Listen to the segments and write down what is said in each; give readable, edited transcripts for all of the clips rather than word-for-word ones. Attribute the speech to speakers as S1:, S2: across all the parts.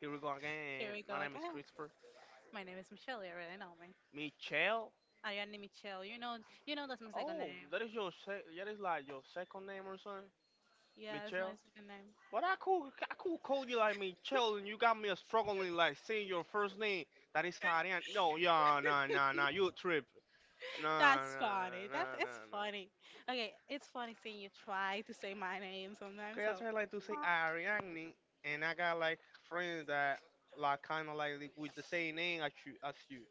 S1: Here we go again.
S2: Here we
S1: My
S2: go
S1: name is
S2: again.
S1: Christopher.
S2: My name is Michelle. You already know me.
S1: Michelle.
S2: Ariane Michelle. You know that's my second
S1: Oh,
S2: name.
S1: that is like your second name or something.
S2: Yeah, it's
S1: Michelle.
S2: my second name.
S1: But I could call you like Michelle, and you got me struggling like saying your first name. That is Ariane. No, yeah, nah, nah, nah. You trip. Nah,
S2: That's
S1: nah,
S2: funny. That's
S1: nah,
S2: it's
S1: nah, nah.
S2: funny. Okay, it's funny seeing you try to say my name
S1: Cause
S2: sometimes.
S1: I
S2: So
S1: try like to say Ariane, and I got like friends that like kind of like with the same name as you.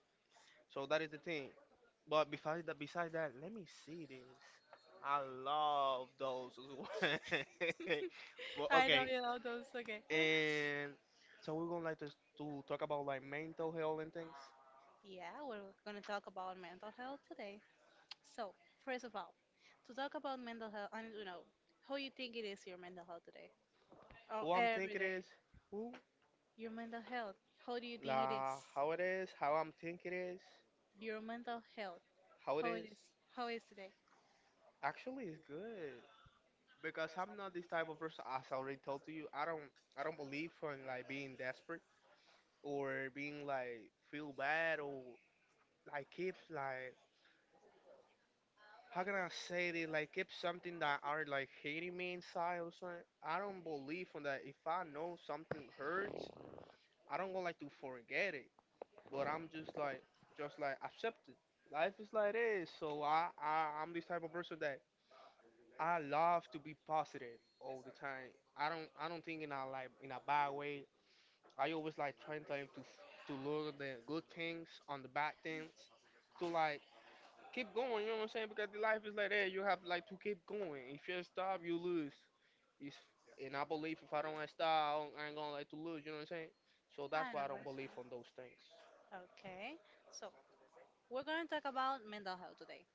S1: So that is the thing. But besides that, let me see this. I love those as well. Well,
S2: I know
S1: okay,
S2: you know those. Okay.
S1: and so we're gonna like to talk about like mental health and things.
S2: Yeah, we're gonna talk about mental health today. So first of all, to talk about mental health, I need to know how you think it is, your mental health, today or
S1: Who I'm
S2: every
S1: thinking is
S2: day.
S1: who,
S2: Your mental health. How do you think it
S1: la,
S2: is?
S1: how it is, how I'm thinking is,
S2: Your mental health.
S1: how it
S2: How it
S1: is.
S2: is? How is today?
S1: Actually, it's good because I'm not this type of person. As I already told to you, I don't believe in like being desperate or being like feel bad or like keep like how can I say this? Like, if something that are like hating me inside or something. I don't believe on that. If I know something hurts, I don't go like to forget it. But I'm just like accept it. Life is like this. So I'm this type of person that I love to be positive all the time. I don't think in a like in a bad way. I always like trying to look at the good things on the bad things to like keep going. You know what I'm saying? Because the life is like that. You have like to keep going. If you stop, you lose. If, And I believe if I don't like stop, I ain't gonna like to lose. You know what I'm saying? So that's
S2: I know
S1: why I don't
S2: what it's
S1: believe on those
S2: like.
S1: things.
S2: Okay. So we're going to talk about mental health today.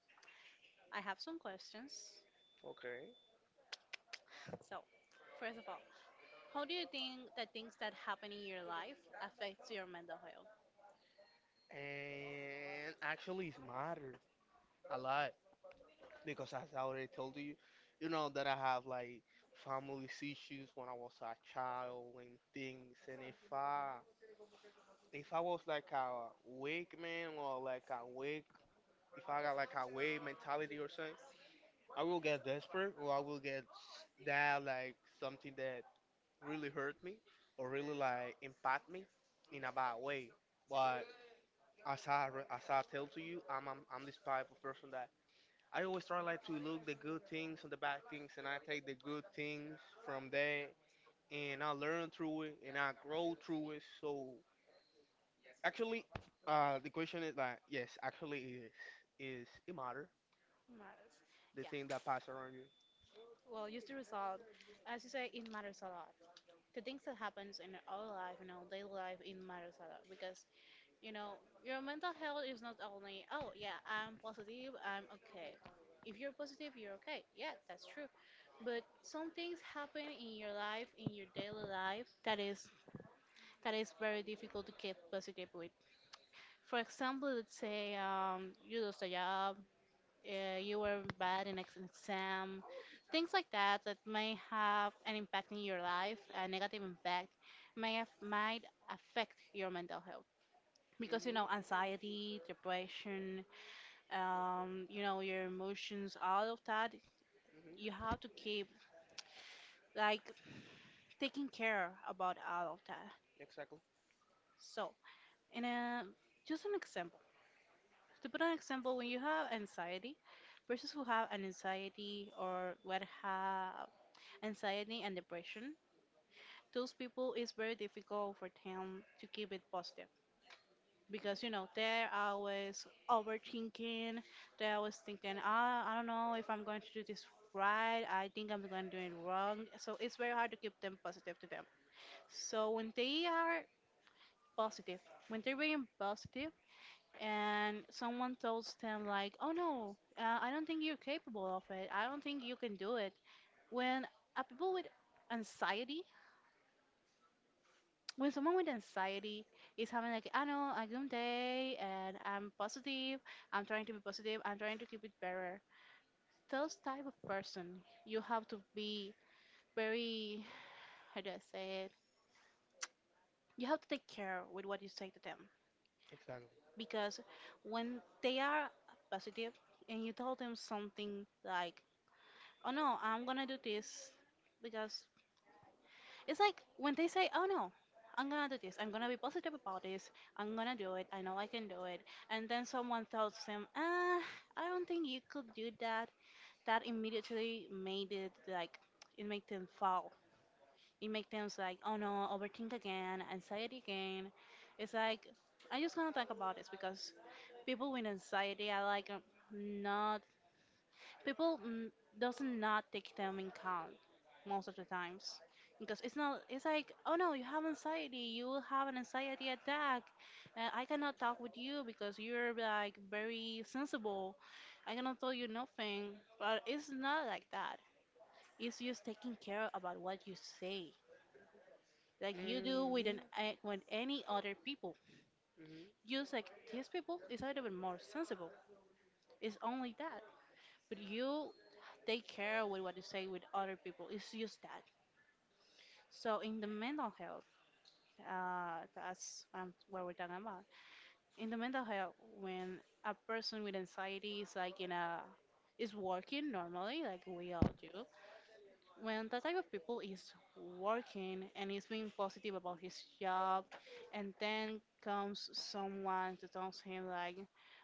S2: I have some questions.
S1: Okay.
S2: So, first of all, how do you think that things that happen in your life affects your mental health?
S1: And actually, it's matter a lot because as I already told you, you know that I have like family issues when I was a child and things. And if I was like a weak man or like a weak, if I got like a weak mentality or something. I will get desperate, or I will get that like something that really hurt me, or really like impact me in a bad way. But as I tell to you, I'm this type of person that I always try like to look the good things and the bad things, and I take the good things from there, and I learn through it, and I grow through it. So actually, the question is like, yes, actually it is it matter
S2: Matters.
S1: the
S2: Yeah.
S1: thing that pass around you.
S2: Well, just the result, as you say, it matters a lot. The things that happens in our life, in our daily life, it matters a lot because, you know, your mental health is not only, "Oh, yeah, I'm positive, I'm okay." If you're positive, you're okay. Yeah, that's true. But some things happen in your life, in your daily life, that is very difficult to keep positive with. For example, let's say you lost a job, you were bad in an exam, things like that that may have an impact in your life, a negative impact, may have, might affect your mental health, because, you know, anxiety, depression, you know, your emotions, all of that. You
S1: Mhm.
S2: have to keep, like, taking care about all of that.
S1: Exactly.
S2: So, in a just an example, to put an example, when you have anxiety, persons who have an anxiety, or what have anxiety and depression, those people, it's very difficult for them to keep it positive, because, you know, they're always overthinking. They're always thinking, "I don't know if I'm going to do this right. I think I'm going to do it wrong." So it's very hard to keep them positive, to them. So positive when they're being positive, and someone tells them like, "Oh no, I don't think you're capable of it. I don't think you can do it." when a people with anxiety when someone with anxiety is having, like, I know, a good day, and I'm positive, I'm trying to be positive, I'm trying to keep it better. Those type of person, you have to be very, how do I say it? You have to take care with what you say to them,
S1: Exactly.
S2: because when they are positive and you tell them something like, "Oh no, I'm gonna do this," because it's like when they say, "Oh no, I'm gonna do this. I'm gonna be positive about this. I'm gonna do it. I know I can do it." And then someone tells them, "Ah, I don't think you could do that." That immediately made it like, it made them fall. It made them like, "Oh no, overthink again, anxiety again." It's like, I'm just gonna talk about this because people with anxiety are like, not, people, doesn't not take them in count most of the times, because it's not, it's like, "Oh no, you have anxiety, you will have an anxiety attack. I cannot talk with you because you're like very sensible. I cannot tell you nothing." But it's not like that. It's just taking care about what you say, like you do with
S1: Mhm.
S2: with any other people.
S1: Mhm.
S2: Just like, these people is a little bit more sensible, it's only that. But you take care with what you say with other people. It's just that. So in the mental health, that's what we're talking about. In the mental health, when a person with anxiety is like in a is working normally, like we all do. When that type of people is working and is being positive about his job, and then comes someone to tells him like,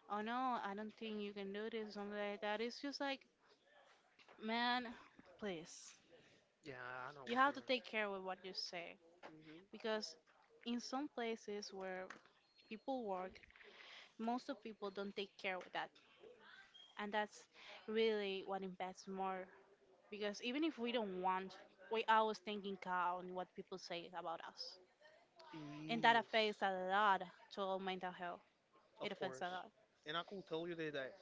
S2: "Oh no, I don't think you can do this," something like that, it's just like, man, please.
S1: Yeah, I know
S2: You
S1: what you
S2: have to take care with what you say,
S1: mean.
S2: because in some places where people work, most of people don't take care with that, and that's really what impacts more, because even if we don't want, we always thinking on what people say about us, and
S1: Mhm.
S2: that
S1: E,
S2: affects a lot to our mental health.
S1: of
S2: It affects a
S1: course.
S2: lot.
S1: And I could tell you that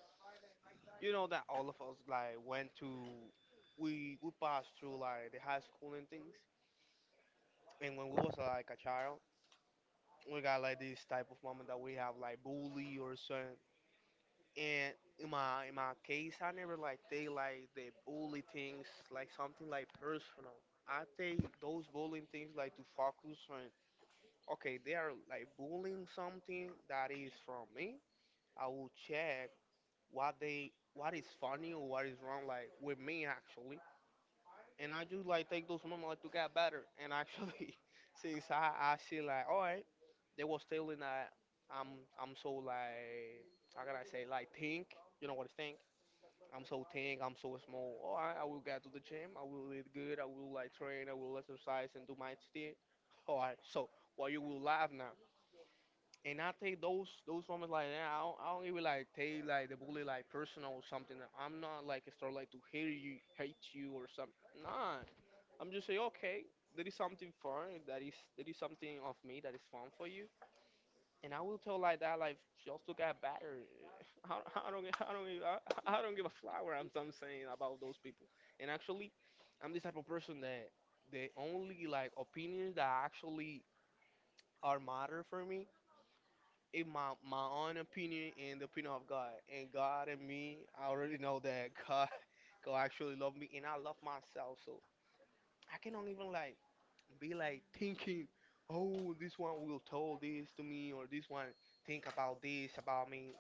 S1: you know that all of us like went to we passed through like the high school and things. And when we was like a child, we got like this type of moment that we have like bully or something. And in my case, I never like take like the bully things like something like personal. I take those bullying things like to focus on okay, they are like bullying something that is from me, I will check what is funny or what is wrong like with me actually. And I just like take those moments like to get better. And actually since I see like alright, they was telling that I'm I'm so like how can I say like think, you know what is think? I'm so thin, I'm so small. All right, I will get to the gym. I will eat good. I will like train. I will exercise and do my thing. All right. So why you will laugh now? And I take those moments like that. I don't even like take like the bully like personal or something. I'm not like a start like to hate you or something. Nah, I'm just say okay. There is something fun. That is There is something of me that is fun for you. And I will tell like that like just to get better. I, I don't I don't give- I don't give a flower. I'm saying about those people. And actually, I'm this type of person that the only like opinions that actually are matter for me in my own opinion and the opinion of God. And God and me, I already know that God God actually love me and I love myself. So I cannot even like be like thinking, oh, this one will tell this to me or this one think about this about me.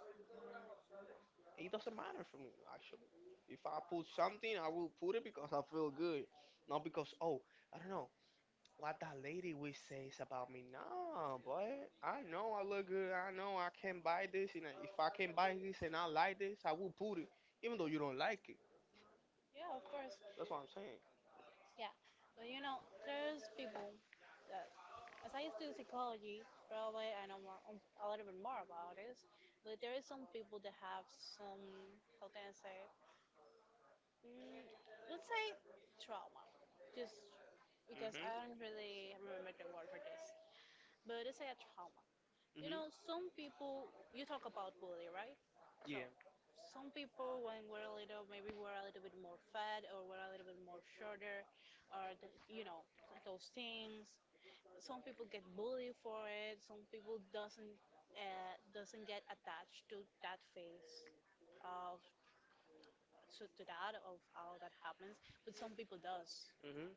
S1: It doesn't matter for me actually. If I put something, I will put it because I feel good, not because oh, I don't know what that lady will say is about me. No, boy, I know I look good. I know I can buy this. And if I can buy this and I like this, I will put it, even though you don't like it.
S2: Yeah, of course.
S1: That's what I'm saying.
S2: Yeah. But you know, there's people that, as I study psychology, probably I know more, a little bit more about this, but there is some people that have some, how can I say, mm, let's say trauma, just because
S1: Mhm.
S2: I don't really remember the word for this, but let's say a trauma. You
S1: Mhm.
S2: know, some people, you talk about bully, right?
S1: Yeah.
S2: So, some people, when we're little, maybe we're a little bit more fat, or we're a little bit more shorter, or, the, you know, those things, some people get bullied for it, some people doesn't, doesn't get attached to that phase of, to that, of how that happens. But some people does.
S1: Mhm.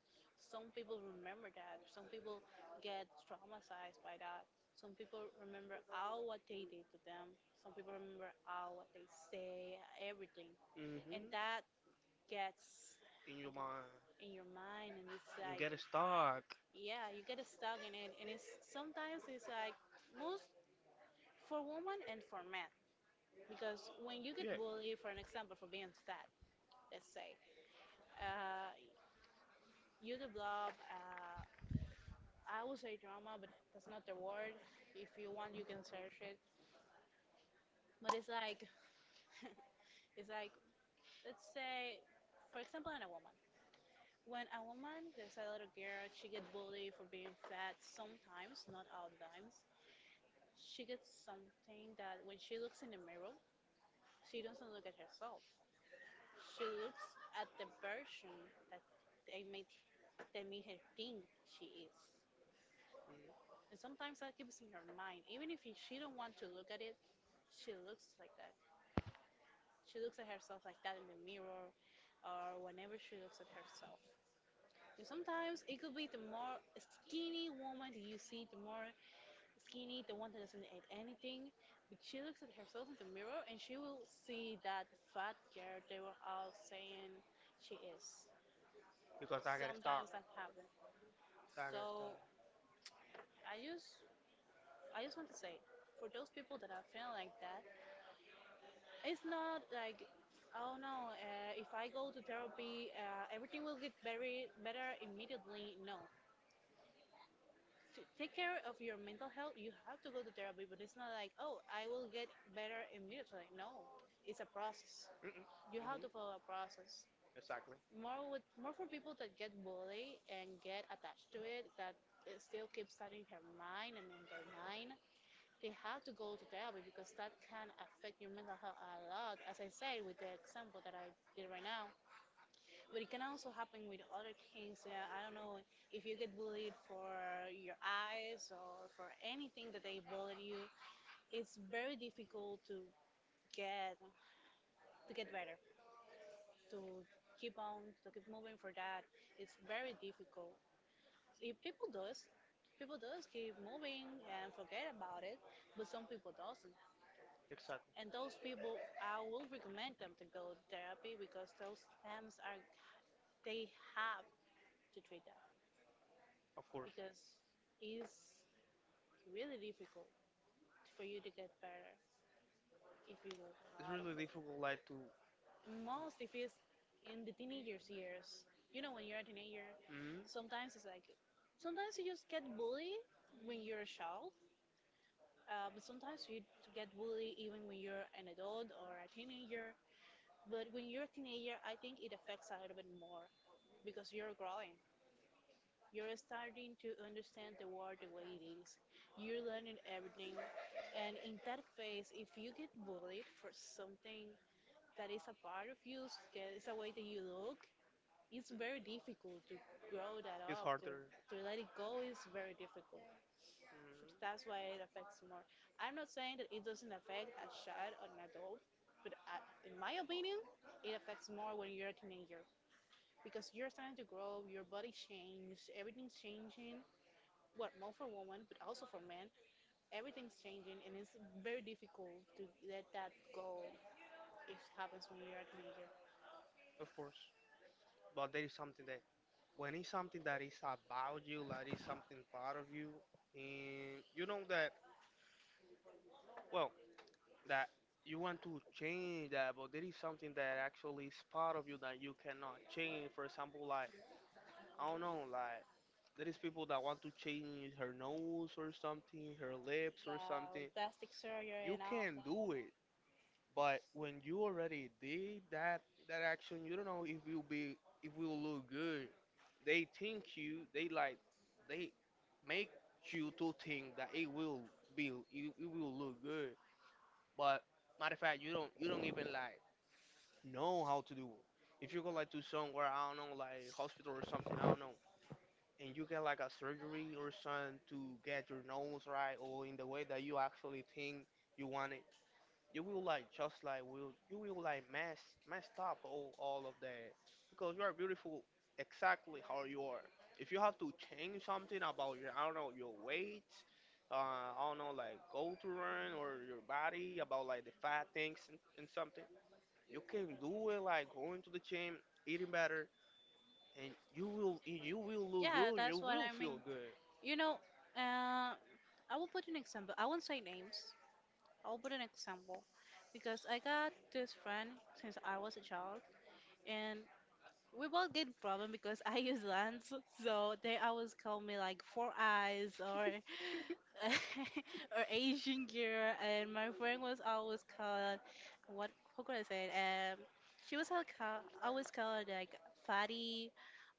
S2: Some people remember that, some people get traumatized by that, some people remember all what they did to them, some people remember all what they say, everything. And
S1: Mhm.
S2: that gets,
S1: In your
S2: like,
S1: mind,
S2: in your mind, and it's
S1: and
S2: like,
S1: get it stuck.
S2: yeah, you get stuck in it. And it's sometimes, it's like, most for women and for men, because when you get
S1: Yeah.
S2: bullied, for an example, for being fat, let's say, uh, you develop, I would say drama, but that's not the word, if you want you can search it, but it's like it's like, let's say, for example, in a woman, when a woman, there's a little girl, she get bullied for being fat, sometimes, not all times, she gets something that when she looks in the mirror, she doesn't look at herself. She looks at the version that they made they made her think she is.
S1: Mhm.
S2: And sometimes that keeps in her mind. Even if she don't want to look at it, she looks like that. She looks at herself like that in the mirror, or whenever she looks at herself. And sometimes it could be the more skinny woman that you see, the more skinny, the one that doesn't eat anything, but she looks at herself in the mirror and she will see that fat girl they were all saying she is.
S1: Because I got it stuck.
S2: Sometimes that happen.
S1: I got it
S2: So
S1: stuck.
S2: I just, I just want to say, for those people that are feeling like that, it's not like, "Oh no, if I go to therapy, everything will get very better immediately." No. To take care of your mental health, you have to go to therapy, but it's not like, "Oh, I will get better immediately." No, it's a process.
S1: Mhm.
S2: You have
S1: Mhm.
S2: to follow a process.
S1: Exactly.
S2: More, with more for people that get bullied and get attached to it, that it still keeps that in her mind, and in their mind, they have to go to therapy, because that can affect your mental health a lot, as I said with the example that I did right now, but it can also happen with other things. So, yeah, I don't know, if you get bullied for your eyes, or for anything that they bully you, it's very difficult to get better, to to keep moving for that. It's very difficult. If people does, people does keep moving and forget about it, but some people doesn't. And
S1: Exactly.
S2: those people, I will recommend them to go to therapy, because those stamps are, they have to treat them,
S1: Of course.
S2: because it's really difficult for you to get better if you go
S1: It's
S2: out of
S1: really
S2: it.
S1: difficult, like to.
S2: Most if it's in the teenagers years, you know, when you're a teenager,
S1: Mhm.
S2: sometimes it's like, sometimes you just get bullied when you're a child. But sometimes you get bullied even when you're an adult or a teenager. But when you're a teenager, I think it affects a little bit more, because you're growing. You're starting to understand the world the way it is. You're learning everything. And in that phase, if you get bullied for something that is a part of you, that is a way that you look, it's very difficult to grow that
S1: It's
S2: up. To,
S1: harder.
S2: to let it go is very difficult.
S1: Mhm.
S2: That's why it affects more. I'm not saying that it doesn't affect a child or an adult, but in my opinion, it affects more when you're a teenager, because you're starting to grow, your body changes, everything's changing. Well, more for women, but also for men, everything's changing, and it's very difficult to let that go if it happens when you're a teenager.
S1: Of course. But there is something that when it's something that is about you, like it's something part of you, and you know that well that you want to change that, but there is something that actually is part of you that you cannot change. For example, like I don't know, like there is people that want to change her nose or something, her lips or
S2: Yeah,
S1: something.
S2: with plastic surgery
S1: You
S2: and all
S1: can't do
S2: that.
S1: it. But when you already did that action, you don't know if you'll be if you'll look good. They think you they like they make you to think that it will be it will look good. But matter of fact, you don't even like know how to do it. If you go like to somewhere I don't know like hospital or something I don't know, and you get like a surgery or something to get your nose right or in the way that you actually think you want it, you will like just like will you will like messed up all of that because you are beautiful exactly how you are. If you have to change something about your, I don't know, your weight, I don't know, like go to run or your body about like the fat things, and something, you can do it like going to the gym, eating better, and you will look
S2: Yeah,
S1: good, you
S2: that's what
S1: will
S2: I mean.
S1: feel good.
S2: You know, I will put an example. I won't say names. I will put an example because I got this friend since I was a child, and we both get problem because I use lens, so they always call me like four eyes or or Asian girl, and my friend was always called what? How could I say it? Um, she was always called like fatty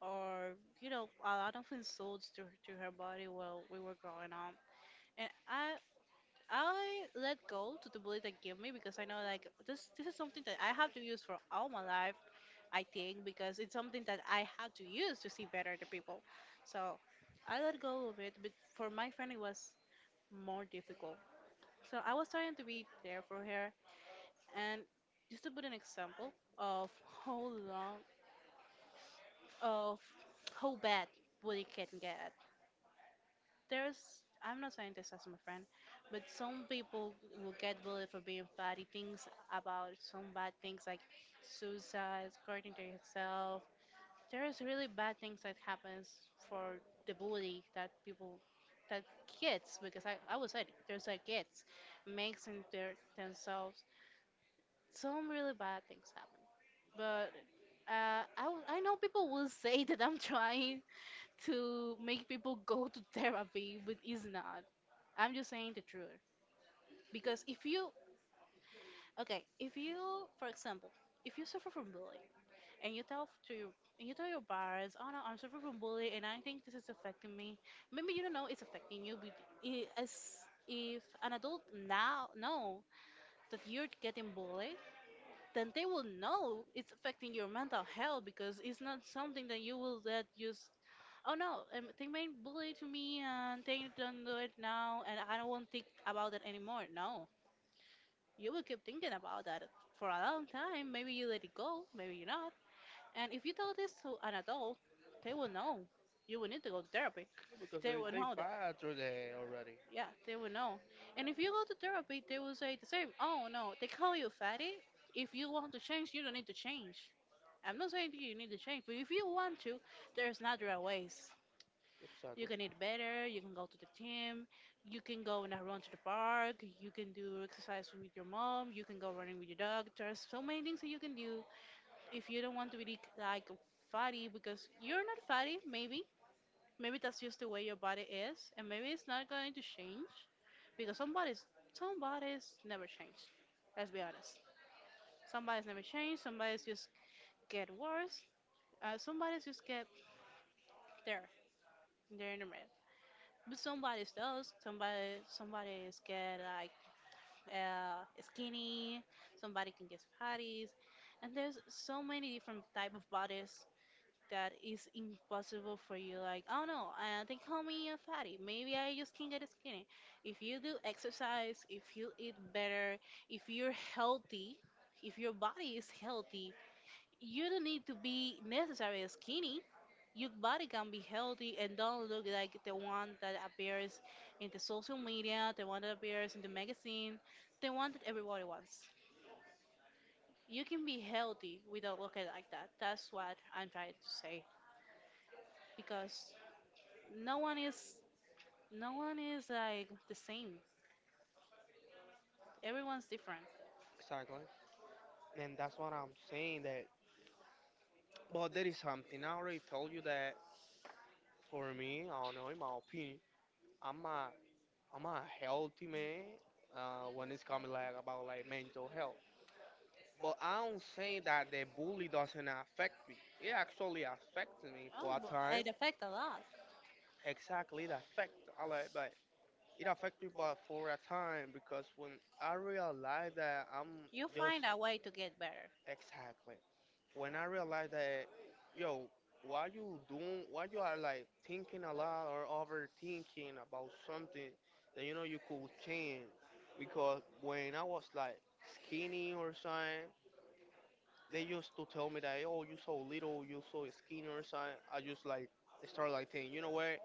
S2: or a lot of insults to her body while we were growing up. And I let go to the bullet that gave me because I know like this is something that I have to use for all my life, I think, because it's something that I have to use to see better the people. So I let go of it, but for my friend it was more difficult. So I was trying to be there for her and just to put an example of how long of how bad bully can get. There's I'm not saying this as my friend, but some people will get bullied for being fatty. Things about some bad things like suicide, hurting to yourself. There's really bad things that happens for the bully that people that kids because I would say it, there's like kids makes in their themselves some really bad things happen. But I know people will say that I'm trying to make people go to therapy, but it's not. I'm just saying the truth. Because if you, okay, if you, for example, if you suffer from bullying and you tell your parents, oh no, I'm suffering from bullying and I think this is affecting me. Maybe you don't know it's affecting you, but I- as if an adult now know that you're getting bullied, then they will know it's affecting your mental health because it's not something that you will let you. Oh no, they may bully to me and they don't do it now and I don't want to think about it anymore. No. You will keep thinking about that for a long time. Maybe you let it go, maybe you not. And if you tell this to an adult, they will know. You will need to go to therapy.
S1: Yeah, because
S2: They
S1: they,
S2: will
S1: they
S2: know that.
S1: buy through there already.
S2: Yeah, they will know. And if you go to therapy, they will say the same. Oh no, they call you fatty. If you want to change, you don't need to change. I'm not saying that you need to change, but if you want to, there's natural ways.
S1: Exactly.
S2: You can eat better, you can go to the gym, you can go and run to the park, you can do exercise with your mom, you can go running with your dog. There's so many things that you can do if you don't want to be like fatty because you're not fatty, maybe. Maybe that's just the way your body is, and maybe it's not going to change because somebody's never changed. Let's be honest. Somebody's never changed, somebody's just get worse. Somebody's just get there, they're in the middle. But somebody's does. Somebody's get like skinny. Somebody can get fatties, and there's so many different type of bodies that is impossible for you. Like oh no, they call me a fatty. Maybe I just can get skinny. If you do exercise, if you eat better, if you're healthy, if your body is healthy, you don't need to be necessarily skinny. Your body can be healthy and don't look like the one that appears in the social media, the one that appears in the magazine, the one that everybody wants. You can be healthy without looking like that. That's what I'm trying to say. Because no one is no one is like the same. Everyone's different.
S1: Exactly, and that's what I'm saying that. But there is something I already told you that for me, I don't know, in my opinion, I'm a I'm a healthy man, when it's coming like about like mental health. But I don't say that the bully doesn't affect me. It actually affects me
S2: Oh,
S1: for a
S2: but
S1: time.
S2: it affects a lot.
S1: Exactly, it affects. I like, but it affects me, but for a time because when I realize that I'm
S2: You
S1: just
S2: find a way to get better.
S1: exactly when I realized that, yo, why you doing, why you are like thinking a lot or overthinking about something that you know you could change? Because when I was like skinny or something, they used to tell me that, oh, you so little, you so skinny or something. I just like start like thinking, you know what?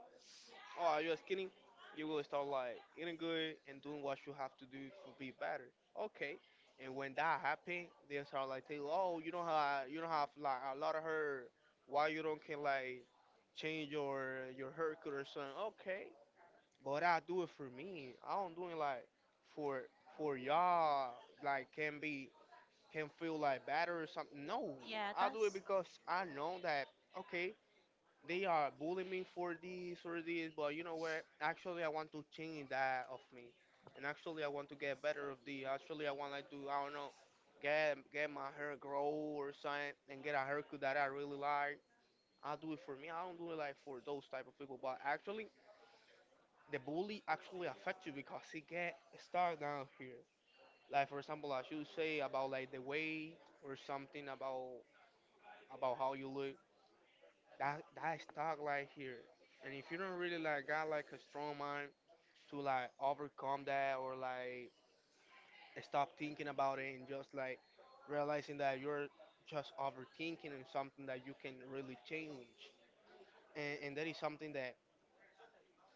S1: Oh, you're skinny. You will start like eating good and doing what you have to do to be better. Okay. And when that happen, they start like tell, you, oh, you don't have like a lot of hair. Why you don't can like change your haircut or something? Okay. But I do it for me. I don't do it like for for y'all. Like can feel like better or something. No,
S2: Yeah,
S1: I do it
S2: that's.
S1: because I know that okay, they are bullying me for this or this, but you know what? Actually, I want to change that of me, and actually, I want to get better of the. Actually, I want like to, I don't know, get my hair grow or something, and get a haircut that I really like. I do it for me. I don't do it like for those type of people. But actually, the bully actually affect you because it get start down here. Like for example, as you say about like the weight or something about how you look. That stuck like here. And if you don't really like a strong mind to like overcome that, or like stop thinking about it and just like realizing that you're just overthinking, and something that you can really change. And that is something that,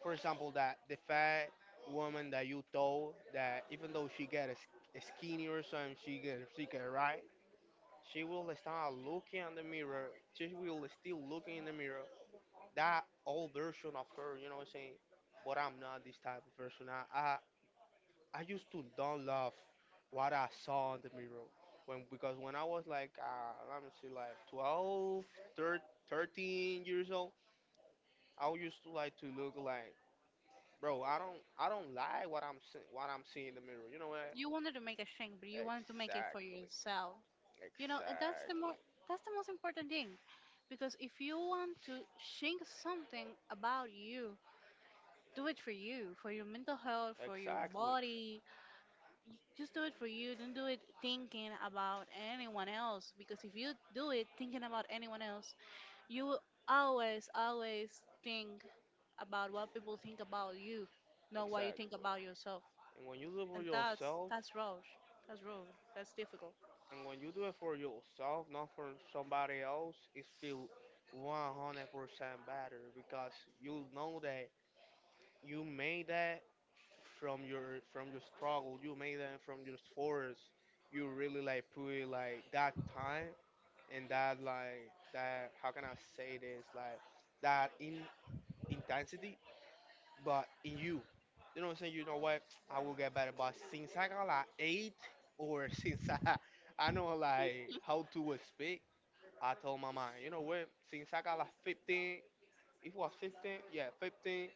S1: for example, that the fat woman that you told, that even though she skinny or something, she get right, she will start looking in the mirror she will still looking in the mirror that old version of her, you know what I'm saying? But I'm not this type of person. I I used to don't love what I saw in the mirror when, because when I was like let me see, like 12, 13, 13 years old, I used to like to look like, bro, I don't like what I'm see- what I'm seeing in the mirror. You know what?
S2: You wanted to make a change, but you wanted to make it for
S1: Exactly,
S2: yourself. You know, and
S1: exactly,
S2: that's the most important thing. Because if you want to change something about you, do it for you, for your mental health, for your
S1: exactly,
S2: body. Y- Just do it for you. Don't do it thinking about anyone else. Because if you do it thinking about anyone else, you will always, always think about what people think about you, not what you think
S1: exactly.
S2: about yourself.
S1: And when you live with
S2: And that's
S1: yourself.
S2: that's rough. That's rough. That's difficult.
S1: And when you do it for yourself, not for somebody else, it feel 100% better, because you know that you made that from your struggle. You made that from your efforts. You really like put like that time, and that, like that. How can I say this? Like that in intensity, but in you. You know what I'm saying? You know what? I will get better. But since I got like eight or, since I know like how to speak, I told my mom, you know what? Since I got like 15, it was 15, yeah, 15,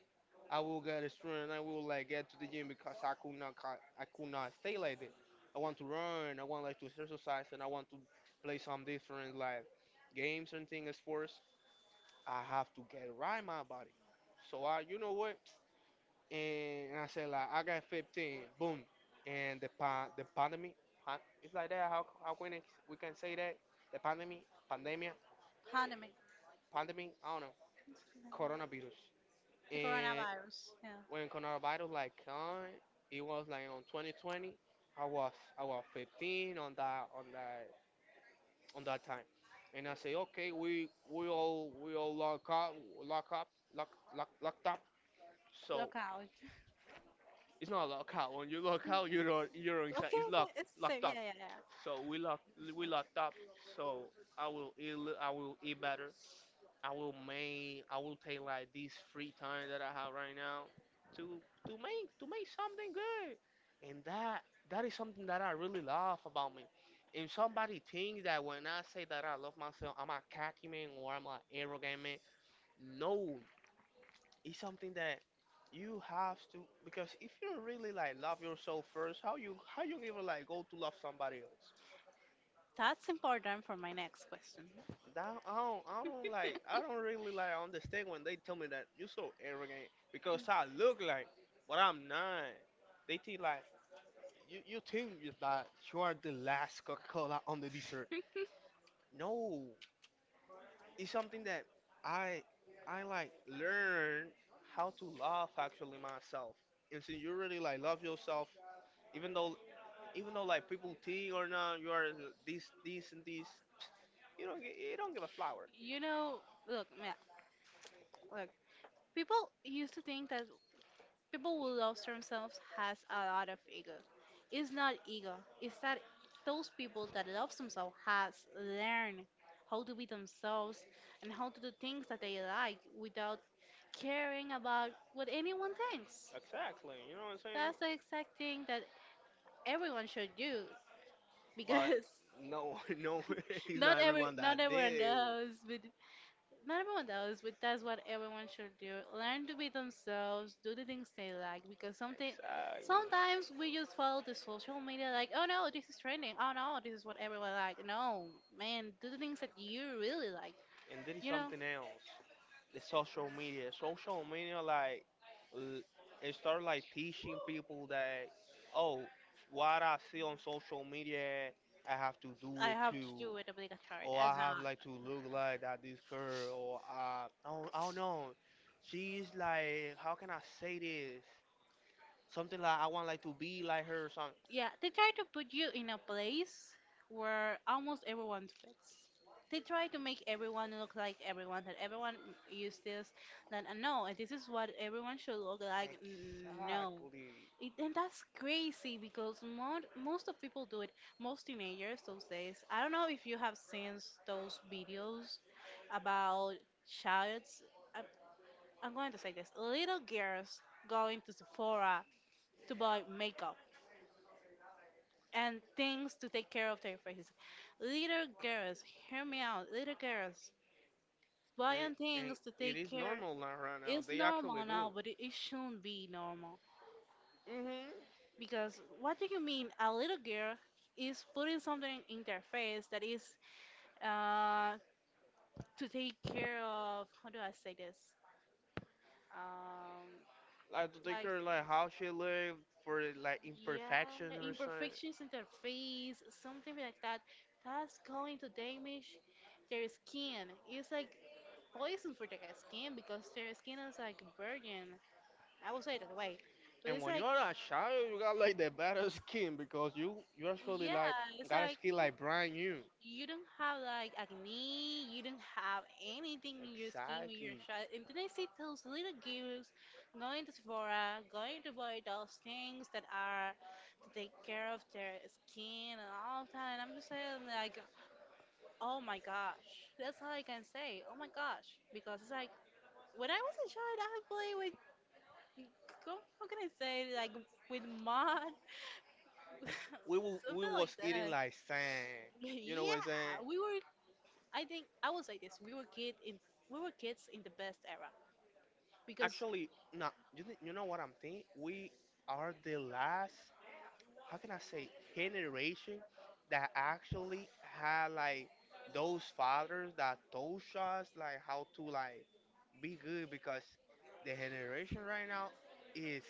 S1: I will get a strength, and I will like get to the gym because I could not, I could not stay like that. I want to run, I want like to exercise, and I want to play some different like games and things, sports. I have to get right my body. So I, you know what? And I said, like, I got 15, boom, and the pandemic, pan, it's like that. How can it, we can say that? The pandemic, pandemia,
S2: Pandemic,
S1: pandemic. I don't know, coronavirus.
S2: the
S1: And
S2: coronavirus. Yeah,
S1: when coronavirus like come, it was like on 2020. I was I was 15 on that, on that time, and I say, okay, we all lock up lock lock, locked up. So,
S2: look out.
S1: it's not lock out. When you lock out, you don't, you're inside.
S2: Okay,
S1: It's
S2: okay, it's safe.
S1: locked
S2: Yeah,
S1: up.
S2: yeah, yeah.
S1: So, we locked up. So, I will eat I will eat better. I will take like this free time that I have right now to to make something good. And that is something that I really love about me. If somebody thinks that when I say that I love myself, I'm a cocky man, or I'm an arrogant man, no, it's something that you have to, because if you don't really like love yourself first, how you, how you even like go to love somebody else?
S2: That's important for my next question.
S1: That, I don't really like understand when they tell me that you're so arrogant, because I look like, but I'm not. They think like you, that you are the last Coca-Cola on the dessert. No, it's something that I, I like learn how to love actually myself. And since you really like love yourself, even though, even though like people think or not, you are this, this and this. You don't, you don't give a flower.
S2: You know, look, yeah, look. People used to think that people who love themselves has a lot of ego. It's not ego. It's that those people that love themselves has learned how to be themselves and how to do things that they like without caring about what anyone thinks.
S1: Exactly. You know what I'm saying?
S2: That's the exact thing that everyone should do,
S1: But
S2: because
S1: no, no, it's not everyone that
S2: not everyone
S1: did it.
S2: knows, but that's what everyone should do. Learn to be themselves, do the things they like, because something
S1: Exactly.
S2: sometimes we just follow the social media like oh no this is trending, oh no this is what everyone like. No, man, do the things that you really like,
S1: And there is
S2: you know.
S1: something else. The social media. Social media, like, l- it started like teaching people that, oh, what I see on social media, I have to do
S2: I
S1: it
S2: have to
S1: too.
S2: do it obligatory,
S1: Or
S2: that's
S1: I have
S2: not.
S1: like to look like that, this girl. Or I don't know. She's like, how can I say this? Something like, I want like to be like her or something.
S2: Yeah, they try to put you in a place where almost everyone fits. They try to make everyone look like everyone, that everyone use this that no, and this is what everyone should look like. No,
S1: Exactly.
S2: it, and that's crazy because most of people do it. Most teenagers those days, I don't know if you have seen those videos about childs i'm, I'm going to say this, little girls going to Sephora to buy makeup and things to take care of their faces. Little girls, hear me out, little girls
S1: and,
S2: buying
S1: and
S2: things to
S1: it
S2: take
S1: is
S2: care
S1: normal now, right now.
S2: is
S1: They actually
S2: normal
S1: do
S2: now, but it shouldn't be normal.
S1: it. Hmm.
S2: Because what do you mean a little girl is putting something in their face that is uh, to take care of, how do I say this? Um,
S1: Like to take
S2: like,
S1: care, like how she lived for, like,
S2: yeah,
S1: imperfection or something.
S2: imperfections in their face, something like that, that's going to damage their skin. It's like poison for their skin because their skin is like virgin. I would say it that way. But
S1: And
S2: it's
S1: when you
S2: like.
S1: are a child, you got like the better skin, because you actually
S2: Yeah,
S1: like
S2: it's
S1: got a
S2: like
S1: skin like brand new.
S2: you don't have like acne, you don't have anything in your skin when you're a
S1: Exactly.
S2: child. And then I see those little girls going to Sephora, going to buy those things that are to take care of their skin and all that. And I'm just saying like, oh my gosh, that's all I can say. Oh my gosh, because it's like when I was a child, I played with, how can I say, like with mud.
S1: We
S2: Something like
S1: was eating
S2: that.
S1: like sand. You know
S2: Yeah,
S1: what I'm saying?
S2: we were. I think I will say this: we were kids in the best era because,
S1: Actually, no. You, you know what I'm thinking? We are the last, how can I say, generation that actually had like those fathers that told us like how to like be good, because the generation right now is,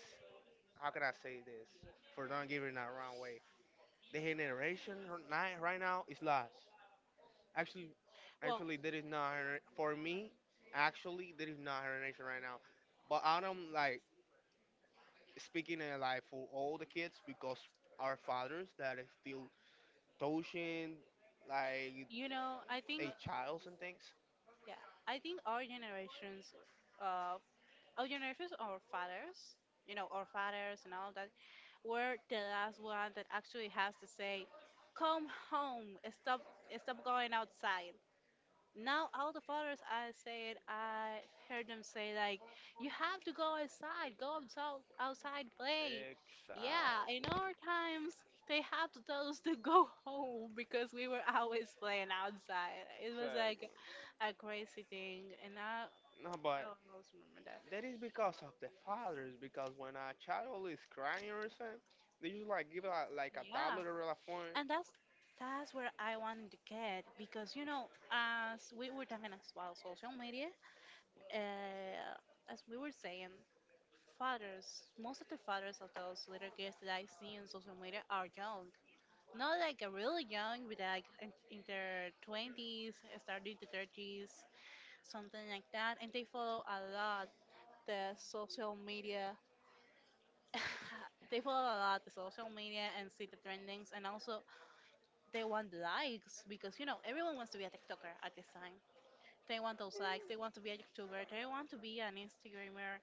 S1: how can I say this, for not giving that wrong way, the right now is lost, actually.
S2: well,
S1: Actually there is not for me, actually there is not generation right now, but I don't like speaking like for all the kids, because our fathers that is still touching, like,
S2: you know, I think
S1: they childs and things.
S2: yeah, I think our generations, uh, our generations, our fathers, you know, our fathers and all that, were the last one that actually has to say, "Come home, stop, stop going outside." Now, all the fathers I said, I heard them say like, "You have to go outside, outside play." Yeah, in
S1: Exactly,
S2: our times, they have to tell us to go home because we were always playing outside. It was like
S1: exactly.
S2: a crazy thing, and
S1: No,
S2: I
S1: but
S2: always remember that.
S1: that is because of the fathers. Because when a child is crying or something, they just like give a, like a
S2: Yeah,
S1: tablet or a phone.
S2: and that's where I wanted to get because you know, as we were talking as well, social media, uh, as we were saying. Fathers, most of the fathers of those little kids that I see in social media are young. Not like a really young, but like in their 20s, starting to 30s, something like that. And they follow a lot the social media. They follow a lot the social media and see the trendings, and also they want likes because you know everyone wants to be a TikToker at this time. They want those likes. They want to be a YouTuber. They want to be an Instagrammer.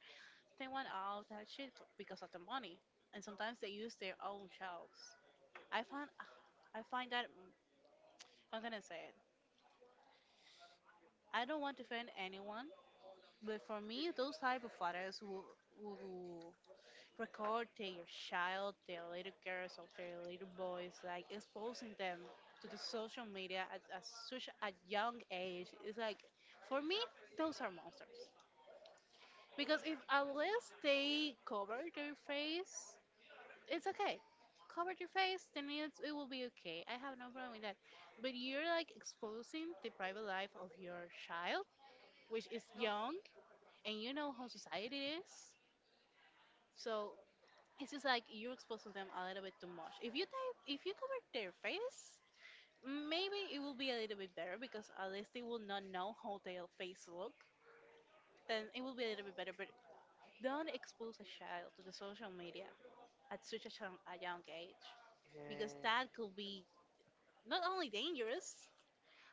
S2: They want all that shit because of the money, and sometimes they use their own jobs. I find I find that I'm gonna say it. I don't want to offend anyone, but for me, those type of fathers who record their child, their little girls or their little boys, like exposing them to the social media at such a young age, is like, for me, those are monsters. Because if unless they cover their face, it's okay. Cover your face, then it's, it will be okay. I have no problem with that. But you're like exposing the private life of your child, which is young, and you know how society is. So it's just like you're exposing them a little bit too much. If you type, if you cover their face, maybe it will be a little bit better because at least they will not know how their face look. Then it will be a little bit better. But don't expose a child to the social media at such a young age because
S1: And
S2: that could be not only dangerous,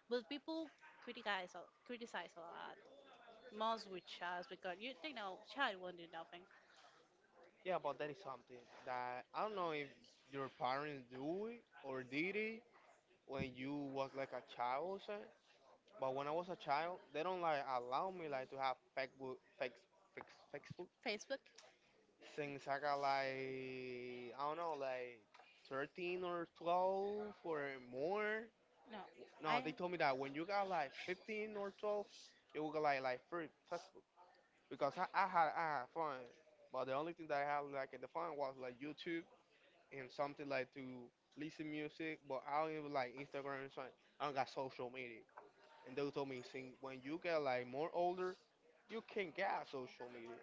S2: but people criticize a lot. Most with child because you they know child won't do nothing.
S1: yeah, but that is something that I don't know if your parents do it or did it when you was like a child or something. But when I was a child, they don't like allow me like to have fake Facebook, Facebook,
S2: Facebook?
S1: since I got like, I don't know, like 13 or 12 or more.
S2: No,
S1: No,
S2: I
S1: they told me that when you got like 15 or 12, you will get like free textbook, because I had fun, but the only thing that I had like at the fun was like YouTube and something like to listen music, but I don't even like Instagram and something. I don't got social media, and they told me since when you get like more older, you can get social media,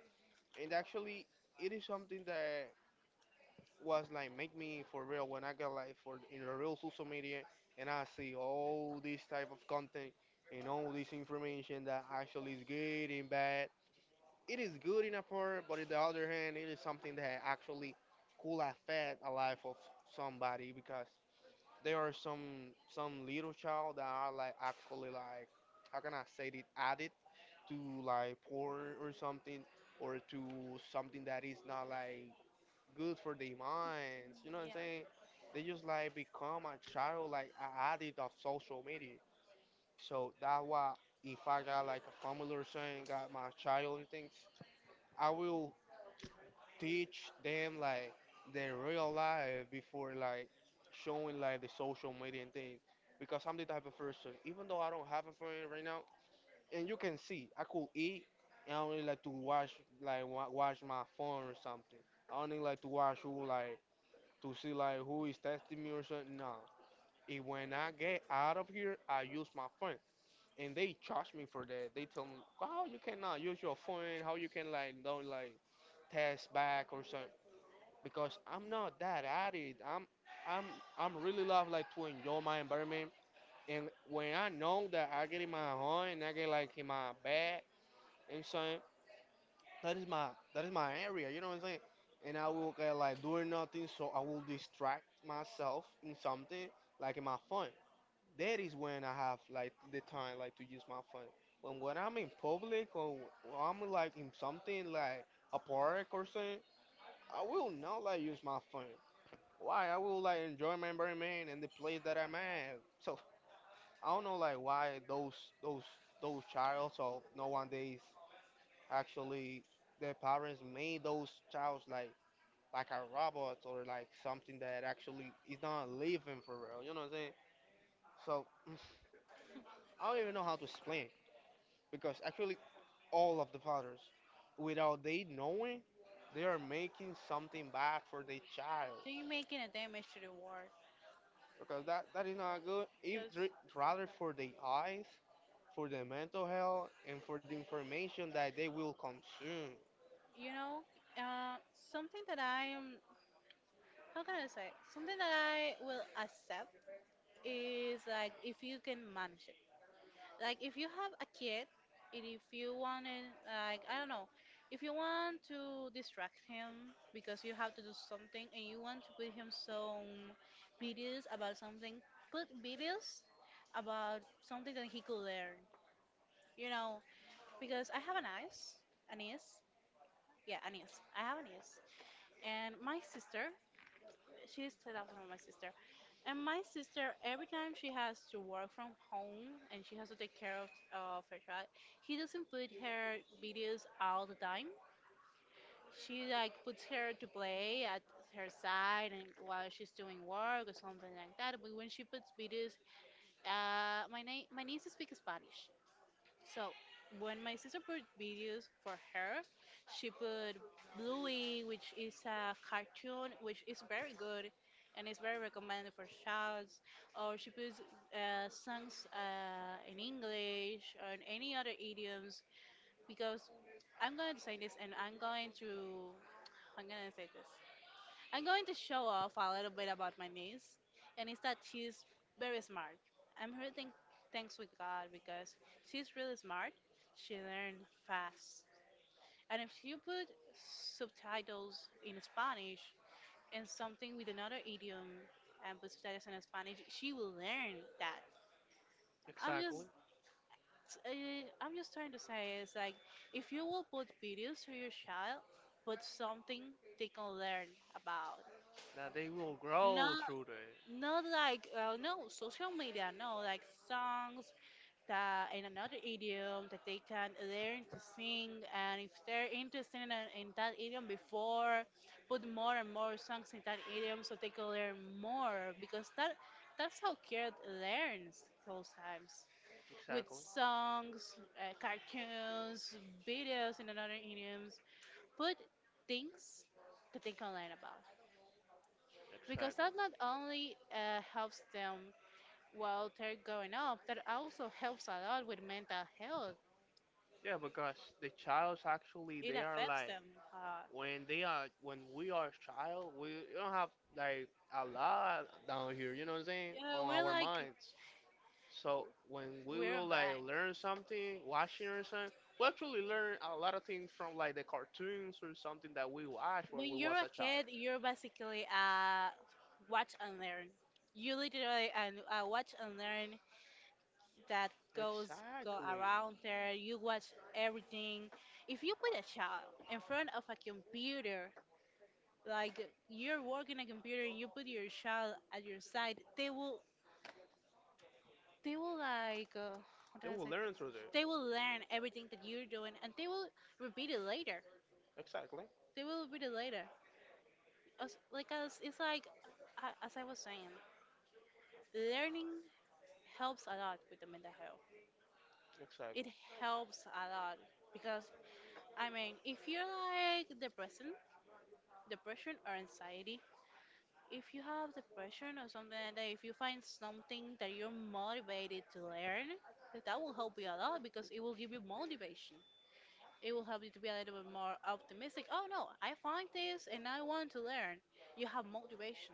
S1: and actually it is something that was like make me for real when I got like for in the real social media, and I see all this type of content and all this information that actually is good and bad. It is good in a part, but on the other hand, it is something that actually could affect a life of somebody, because there are some little child that are like actually like, how can I say it, addict to like porn or something, or to something that is not like good for their minds. You know what I'm
S2: yeah.
S1: saying? They just like become a child, like an addict of social media. So that's why, if I got like a family or something, got my child and things, I will teach them like their real life before like showing like the social media and things. Because I'm the type of person, even though I don't have a friend right now, and you can see, I could eat and I only like to watch like watch my phone or something. I only like to watch who, like, to see like who is texting me or something. No, and when I get out of here, I use my phone, and they charge me for that. They tell me, how you cannot use your phone, how you can like don't like text back or something. Because I'm not that addict. I'm I'm really love like to enjoy my environment. And when I know that I get in my home and I get like in my bed and something, that is my, that is my area, you know what I'm saying? And I will get like doing nothing, so I will distract myself in something, like in my phone. That is when I have like the time, like to use my phone, when I'm in public, or when I'm like in something like a park or something, I will not like use my phone, why I will like enjoy my environment and the place that I'm at. So I don't know like why those, those those childs or no one days, actually, their parents made those childs like a robot, or like something that actually is not living for real. You know what I'm saying? So I don't even know how to explain, because actually all of the fathers, without they knowing, they are making something bad for their child,
S2: They're making a damage to the world
S1: because that, that is not good. If
S2: because
S1: rather for their eyes, for their mental health, and for the information that they will consume.
S2: you know uh, something that I am, how can I say, something that I will accept is like if you can manage it. Like if you have a kid and if you want to, like I don't know, if you want to distract him because you have to do something and you want to put him some videos about something, put videos about something that he could learn, you know, because I have a niece, a niece, yeah, a niece, I have a niece. And my sister, she's 2000, my sister. And my sister, every time she has to work from home and she has to take care of her child, he doesn't put her videos all the time. She like puts her to play at her side and while she's doing work or something like that. But when she puts videos, my niece speaks Spanish. So when my sister put videos for her, she put Bluey, which is a cartoon, which is very good, and is very recommended for childs. Or she puts songs, in English or in any other idioms. Because I'm going to say this, and I'm going to say this. I'm going to show off a little bit about my niece, and it's that she's very smart. I'm really thank- Thanks with God because she's really smart. She learned fast, and if you put subtitles in Spanish and something with another idiom and put subtitles in Spanish, she will learn that. I'm
S1: Exactly.
S2: just. I'm just trying to say is like if you will put videos to your child, put something they can learn about.
S1: That they will
S2: No,
S1: grow through it.
S2: not like no social media, no like songs that in another idiom that they can learn to sing, and if they're interested in, in that idiom before, put more and more songs in that idiom so they can learn more, because that that's how kids learns sometimes with
S1: Exactly.
S2: songs, cartoons, videos in another idioms. Put things that they can learn about, because that
S1: Exactly.
S2: not only helps them while they're growing up. That also helps a lot with mental health.
S1: Yeah, because the childs actually
S2: It
S1: they are
S2: affects
S1: like,
S2: them a lot.
S1: when they are, when we are child, we don't have like a lot down here, you know what I'm saying,
S2: Yeah,
S1: on our minds. So when we
S2: we're
S1: will like
S2: like
S1: learn something, watching or something, we actually learn a lot of things from like the cartoons or something that we watched when
S2: when
S1: we
S2: you're
S1: was a
S2: a
S1: child.
S2: kid, you're basically a watch and learn. You literally and a watch and learn, that goes go
S1: Exactly.
S2: around there. You watch everything. If you put a child in front of a computer, like you're working a computer and you put your child at your side, they will, they will like uh, how do
S1: They
S2: I
S1: will
S2: say
S1: learn
S2: this?
S1: through there.
S2: They will learn everything that you're doing, and they will repeat it later.
S1: Exactly.
S2: They will repeat it later. As, like as it's like As I was saying, learning helps a lot with the mental health.
S1: Exactly.
S2: It helps a lot because I mean, if you're like depression, or anxiety, if you have depression or something like that, if you find something that you're motivated to learn, that will help you a lot because it will give you motivation. It will help you to be a little bit more optimistic. Oh no, I find this and I want to learn. You have motivation.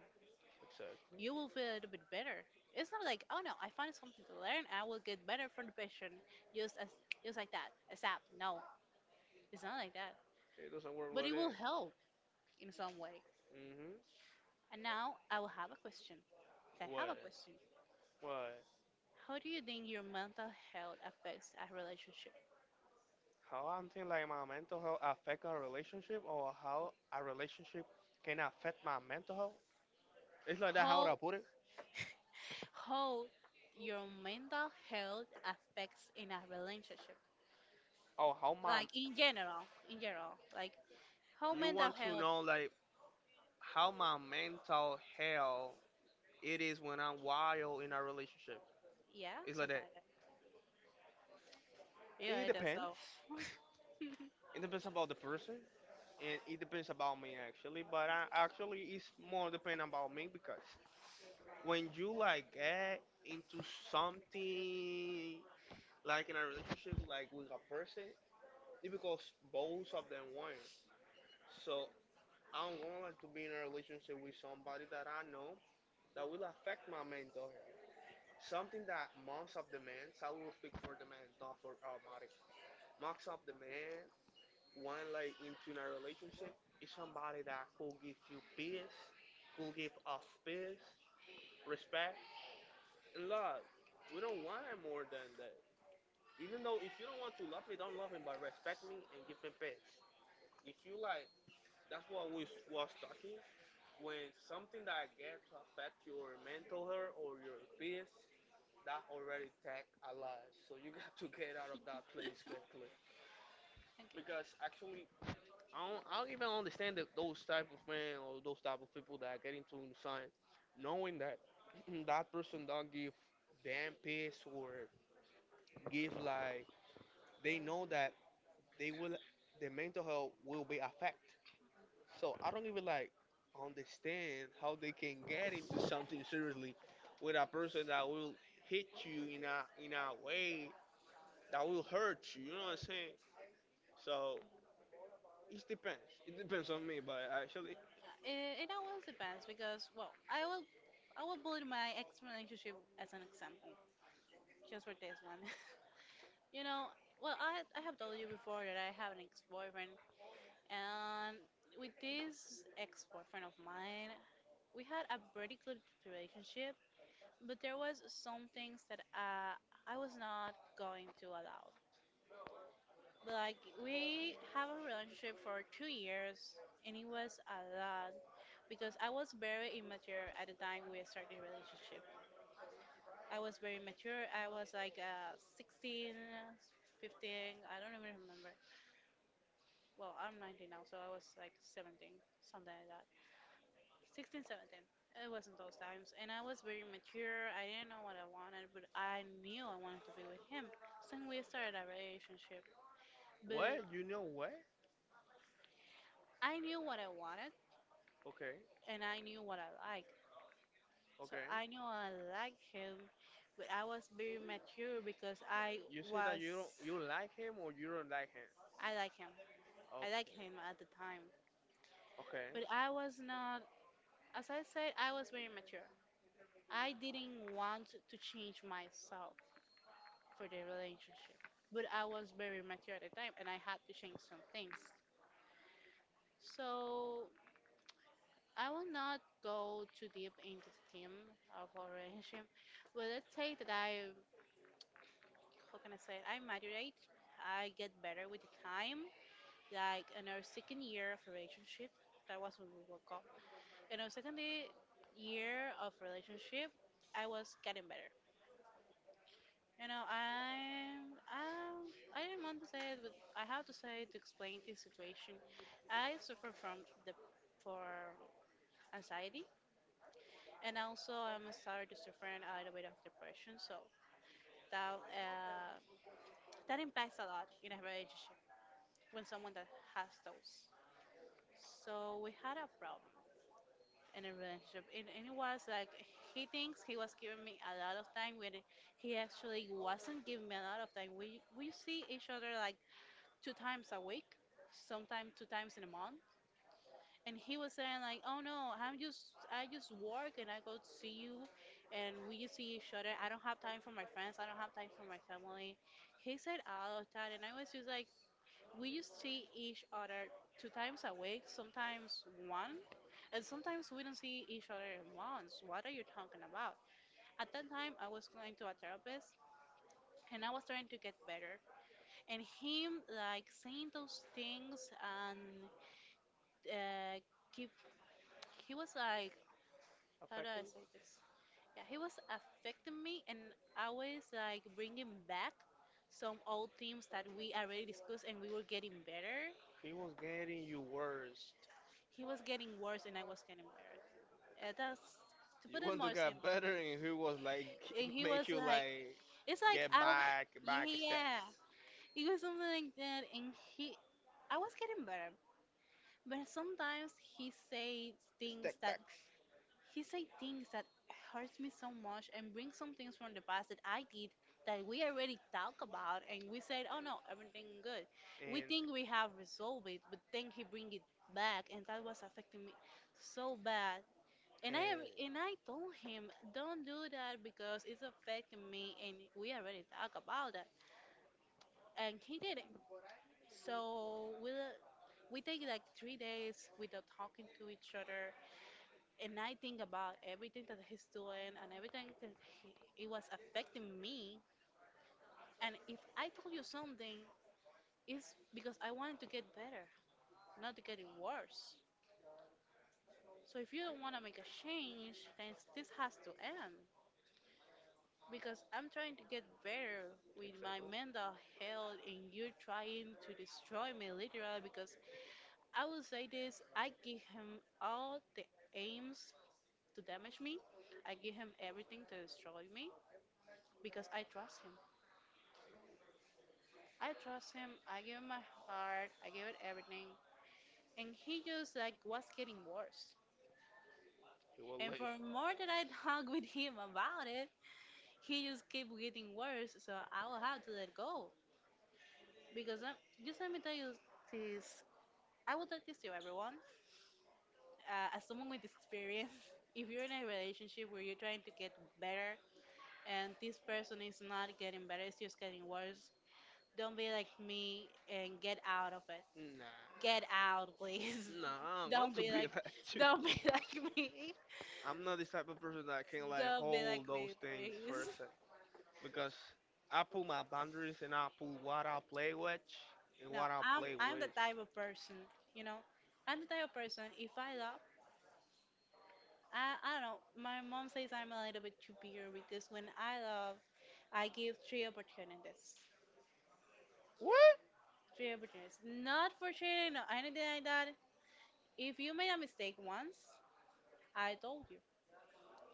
S2: You
S1: Exactly.
S2: will feel a little bit better. It's not like, oh no, I find something to learn, I will get better from the patient. Just as just like that. ASAP. No. It's not like that.
S1: It doesn't work
S2: But
S1: like
S2: it will
S1: that.
S2: help in some way.
S1: Mhm.
S2: And now I will have a question. I have
S1: What?
S2: a question.
S1: What?
S2: How do you think your mental health affects a relationship?
S1: How I think like my mental health affect a relationship, or how a relationship can affect my mental health? It's like that how
S2: How
S1: I put it?
S2: how your mental health affects in a relationship?
S1: Oh, how my
S2: Like in general, like how
S1: you
S2: mental
S1: want to
S2: health,
S1: know like how my mental health it is when I'm wild in a relationship.
S2: yeah,
S1: It's like that.
S2: sometimes, yeah,
S1: It
S2: it is so.
S1: depends. It depends about the person, and it depends about me actually. But I actually it's more depend about me because when you like get into something like in a relationship like with a person, it's because both of them win. So I am gonna like to be in a relationship with somebody that I know that will affect my mental health. Something that most of the men, so I will speak for the men, not for Almighty. Most of the men when like into in a relationship is somebody that could give you peace, could give off peace, respect, and love. We don't want more than that. Even though if you don't want to love me, don't love me, but respect me and give me peace. If you like, that's what we was talking. When something that I get to affect your mental health or your peace, that already take a lot. So you got to get out of that place quickly. Because
S2: Okay.
S1: actually, I don't even understand that those type of men or those type of people that get into inside, knowing that that person don't give damn peace, or give like, they know that they will, their mental health will be affected. So I don't even like understand how they can get into something seriously with a person that will hit you in a way that will hurt you. You know what I'm saying? So it depends. It depends on me, but actually,
S2: Yeah, it always depends because, I will put my ex relationship as an example, just for this one. You know, well, I have told you before that I have an ex boyfriend. And with this ex boyfriend of mine, we had a pretty good relationship, but there was some things that I was not going to allow. Like we have a relationship for 2 years, and it was a lot because I was very immature at the time we started the relationship. I was very mature. I was like 16, 15. I don't even remember. Well, I'm 19 now, so I was like 17, something like that. 16, 17. It wasn't those times. And I was very mature. I didn't know what I wanted, but I knew I wanted to be with him. Since we started our relationship.
S1: what,
S2: But
S1: you know what?
S2: I knew what I wanted
S1: Okay,
S2: and I knew what I liked. So
S1: okay.
S2: I knew I liked him, but I was very mature because I
S1: You say that
S2: was.
S1: you don't, you like him or you don't like him?
S2: I like him. I liked
S1: Okay,
S2: him at the time. But
S1: okay.
S2: I was not. As I said, I was very mature. I didn't want to change myself for the relationship. But I was very mature at the time and I had to change some things. So I will not go too deep into the theme of our relationship, but let's say that I, how can I say it? I moderate. I get better with the time. Like in our second year of relationship, that was when we broke up. In our second year of relationship, I was getting better. You know, I didn't want to say it, but I have to say it to explain this situation. I suffer from the for anxiety, and also I'm starting to suffer a little bit of depression. So that uh, that impacts a lot in a relationship when someone that has those. So we had a problem in a relationship, and, it was like he thinks he was giving me a lot of time when he actually wasn't giving me a lot of time. We see each other like two times a week, sometimes two times in a month. And he was saying like, "Oh no, I just work and I go to see you, and we just see each other. I don't have time for my friends. I don't have time for my family." He said all of that, and I was just like, "We just see each other two times a week, sometimes one." And sometimes we don't see each other in months. What are you talking about? At that time, I was going to a therapist and I was trying to get better. And him like saying those things and uh, give he was like, how do I
S1: Affecting.
S2: say this? Yeah, he was affecting me and always like bringing back some old themes that we already discussed and we were getting better.
S1: He was getting you worse.
S2: He was getting worse and I was getting better. That's to put
S1: You
S2: it
S1: want to
S2: more
S1: get
S2: simple.
S1: better, and he was like
S2: And he was
S1: make you
S2: like,
S1: like
S2: it's like
S1: get
S2: I,
S1: back, back stacks,
S2: yeah, it was something like that. And I was getting better, but sometimes
S1: step backs,
S2: he said things that hurts me so much and brings some things from the past that I did that we already talked about and we said, oh no, everything good. We
S1: and
S2: think we have resolved it, but then he bring it back and that was affecting me so bad. And I
S1: and
S2: alre- and I told him, don't do that because it's affecting me and we already talked about that. And he didn't. So we take like 3 days without talking to each other and I think about everything that he's doing and everything that he, it was affecting me. And if I told you something, it's because I wanted to get better, not to get it worse. So if you don't want to make a change, then this has to end. Because I'm trying to get better with my
S1: exactly,
S2: mental health, and you're trying to destroy me literally. Because I will say this, I give him all the aims to damage me, I give him everything to destroy me because I trust him. I trust him, I give him my heart, I give it everything. And he just like was getting worse.
S1: he was
S2: And
S1: like,
S2: for more that I talk with him about it, he just keep getting worse. So I will have to let go. Because just let me tell you this. I will tell this to everyone. As someone with experience, if you're in a relationship where you're trying to get better and this person is not getting better, it's just getting worse, don't be like me and get out of it.
S1: nah,
S2: Get out, please.
S1: nah, I'm going
S2: Don't
S1: to
S2: be
S1: be
S2: like,
S1: like you.
S2: don't be like me.
S1: I'm not this type of person that can like
S2: Don't be like
S1: hold those
S2: me,
S1: things for a
S2: please.
S1: sec, because I put my boundaries and I put what I play with and
S2: No,
S1: what I
S2: I'm
S1: play
S2: I'm the
S1: with.
S2: type of person, you know, I'm the type of person. If I love, I don't know. My mom says I'm a little bit too pure because when I love, I give three opportunities,
S1: What?
S2: three opportunities. Not for cheating or anything like that. If you made a mistake once, I told you.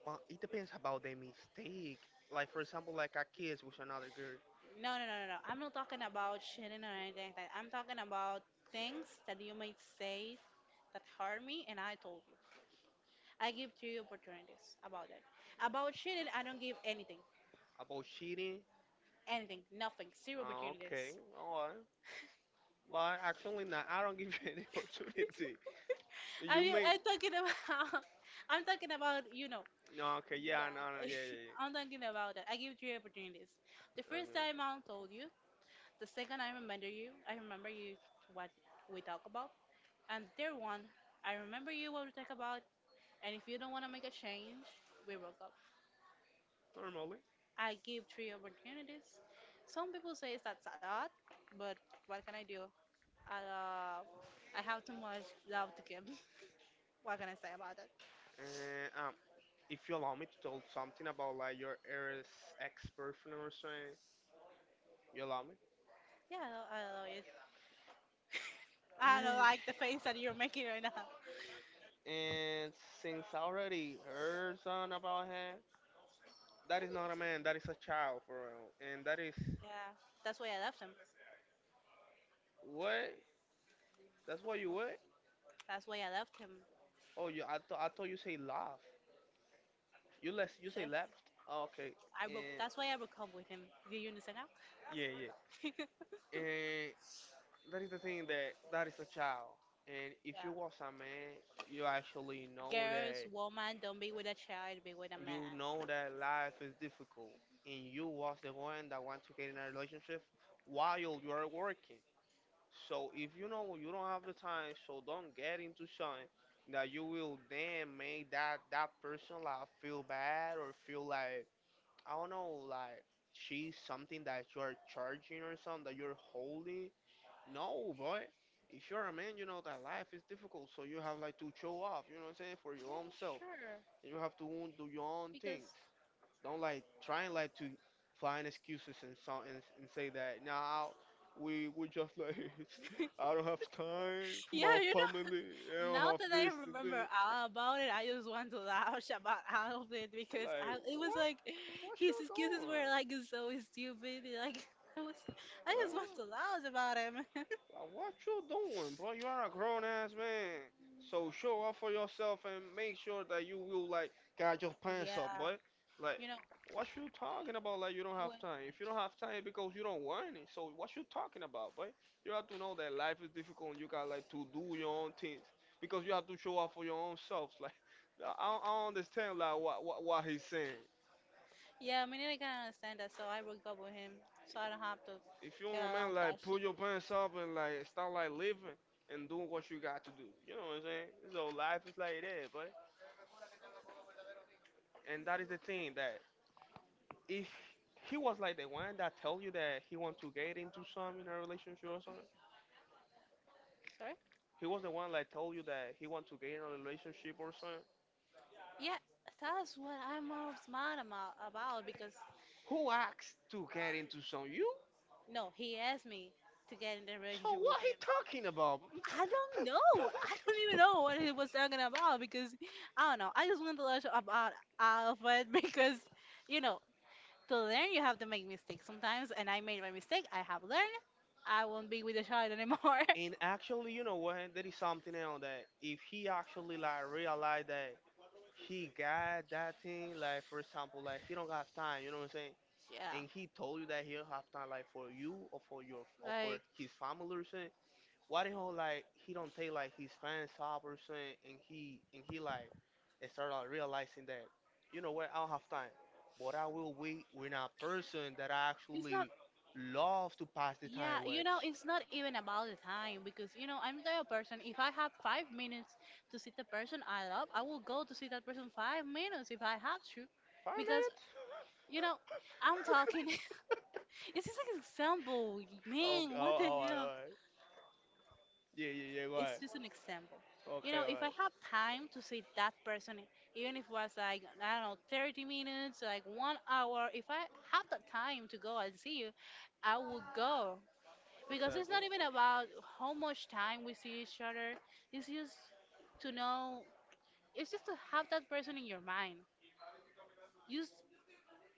S1: But it depends about the mistake. Like for example, like a kiss with another girl.
S2: No, no, no, no, no. I'm not talking about shitting or anything like that. I'm talking about things that you might say that hurt me, and I told you. I give three opportunities about it. About shitting, I don't give anything,
S1: About cheating.
S2: anything, nothing, zero
S1: Ah, okay,
S2: opportunities.
S1: alright. But actually, nah, I don't give you any opportunity.
S2: I
S1: You
S2: mean,
S1: mean?
S2: I'm talking about, I'm talking about, you know,
S1: No, okay, yeah, no,
S2: yeah.
S1: no, yeah, yeah,
S2: I'm talking about that. I give three opportunities. The
S1: yeah.
S2: first time
S1: Okay.
S2: I told you. The second I remember you. I remember you what we talk about. And the third one, I remember you what we talk about. And if you don't want to make a change, we broke up.
S1: Normally.
S2: I give three opportunities. Some people say that's a lot, but what can I do? I, uh, I have too much love to give. What can I say about it?
S1: And if you allow me to tell something about like your ex ex boyfriend or something, you allow me?
S2: Yeah, I don't know it. I don't like the face that you're making right now.
S1: And since I already heard something about him, that is not a man, that is a child for real. And that is
S2: Yeah, that's why I left him.
S1: what. That's what you wear?
S2: That's why I left him.
S1: Oh, you. I thought you say left. You less. You say
S2: Yeah,
S1: left. Oh, okay.
S2: I broke.
S1: And
S2: That's why I broke up with him. Do you understand now?
S1: yeah, yeah. And that is the thing that that is a child. And if you
S2: Yeah.
S1: was a man, you actually know
S2: Girls,
S1: that,
S2: woman, don't be with a child. Be with a
S1: you
S2: man.
S1: know that life is difficult. And you was the one that want to get in a relationship while you are working. So if you know you don't have the time, so don't get into something that you will then make that that person like feel bad or feel like I don't know, like she's something that you're charging or something that you're holding. No, boy. If you're a man, you know that life is difficult, so you have like to show off. You know what I'm saying? For your own
S2: Yeah,
S1: self,
S2: sure.
S1: you have to do your own
S2: Because
S1: things. Don't like trying like to find excuses and say that now we just like I don't have time for
S2: yeah,
S1: my
S2: you.
S1: family. I don't
S2: Now
S1: have
S2: that I
S1: this and
S2: remember
S1: that.
S2: all about it, I just want to laugh about all of it because
S1: Like
S2: I, it was
S1: what?
S2: like
S1: What you
S2: his excuses were
S1: doing?
S2: like so stupid. Like I was, I
S1: Like what?
S2: just want to laugh about him.
S1: Like, what you doing, bro? You are a grown ass man. So show up for yourself and make sure that you will like got your pants up,
S2: Yeah,
S1: boy. Like,
S2: you know.
S1: what you talking about? Like, you don't have
S2: When,
S1: time. If you don't have time, because you don't want it. So what you talking about, boy? You have to know that life is difficult, and you got like to do your own things because you have to show up for your own selves. Like, I don't understand like what, what he's saying.
S2: yeah, I mean, I can understand that, so I broke up with him, so I don't have to
S1: If you
S2: get
S1: want, man,
S2: along with
S1: like pull
S2: that.
S1: your pants up and like start like living and doing what you got to do. You know what I'm saying? So life is like that, but and that is the thing that if he was like the one that tell you that he want to get into some in a relationship or something,
S2: Sorry.
S1: he was the one like told you that he want to get in a relationship or something.
S2: Yeah, that's what I'm most mad about because
S1: Who asked to get into some? You?
S2: no, he asked me to get in the
S1: So
S2: relationship with
S1: what he
S2: him.
S1: talking about?
S2: I don't know. I don't even know what he was talking about because I don't know. I just want to learn about Alfred because, you know, to learn you have to make mistakes sometimes, and I made my mistake. I have learned. I won't be with the child anymore.
S1: And actually, you know what? There is something else that if he actually like realized that he got that thing, like for example like he don't have time, you know what I'm saying,
S2: Yeah,
S1: and he told you that he don't have time like for you or for your or for
S2: like
S1: his family or something, why the hell like he don't take like his fans off or something, and he like start like realizing that, you know what, I don't have time, but I will wait with a person that I
S2: it's not.
S1: actually love to pass the
S2: Yeah,
S1: time with.
S2: you know, it's not even about the time because you know I'm the type of person. If I have 5 minutes to see the person I love, I will go to see that person 5 minutes if I have to,
S1: five
S2: because
S1: minutes
S2: you know, I'm talking. It's just like an example.
S1: Oh, oh,
S2: Man,
S1: oh,
S2: what the
S1: all right,
S2: hell?
S1: all right. Yeah, yeah, yeah, go
S2: It's
S1: ahead.
S2: just an example. You
S1: Okay,
S2: know,
S1: all
S2: if I
S1: right.
S2: have time to see that person, even if it was like, I don't know, 30 minutes, like 1 hour, if I have the time to go and see you, I would go. Because it's not
S1: Exactly.
S2: even about how much time we see each other, it's just to know, it's just to have that person in your mind. Just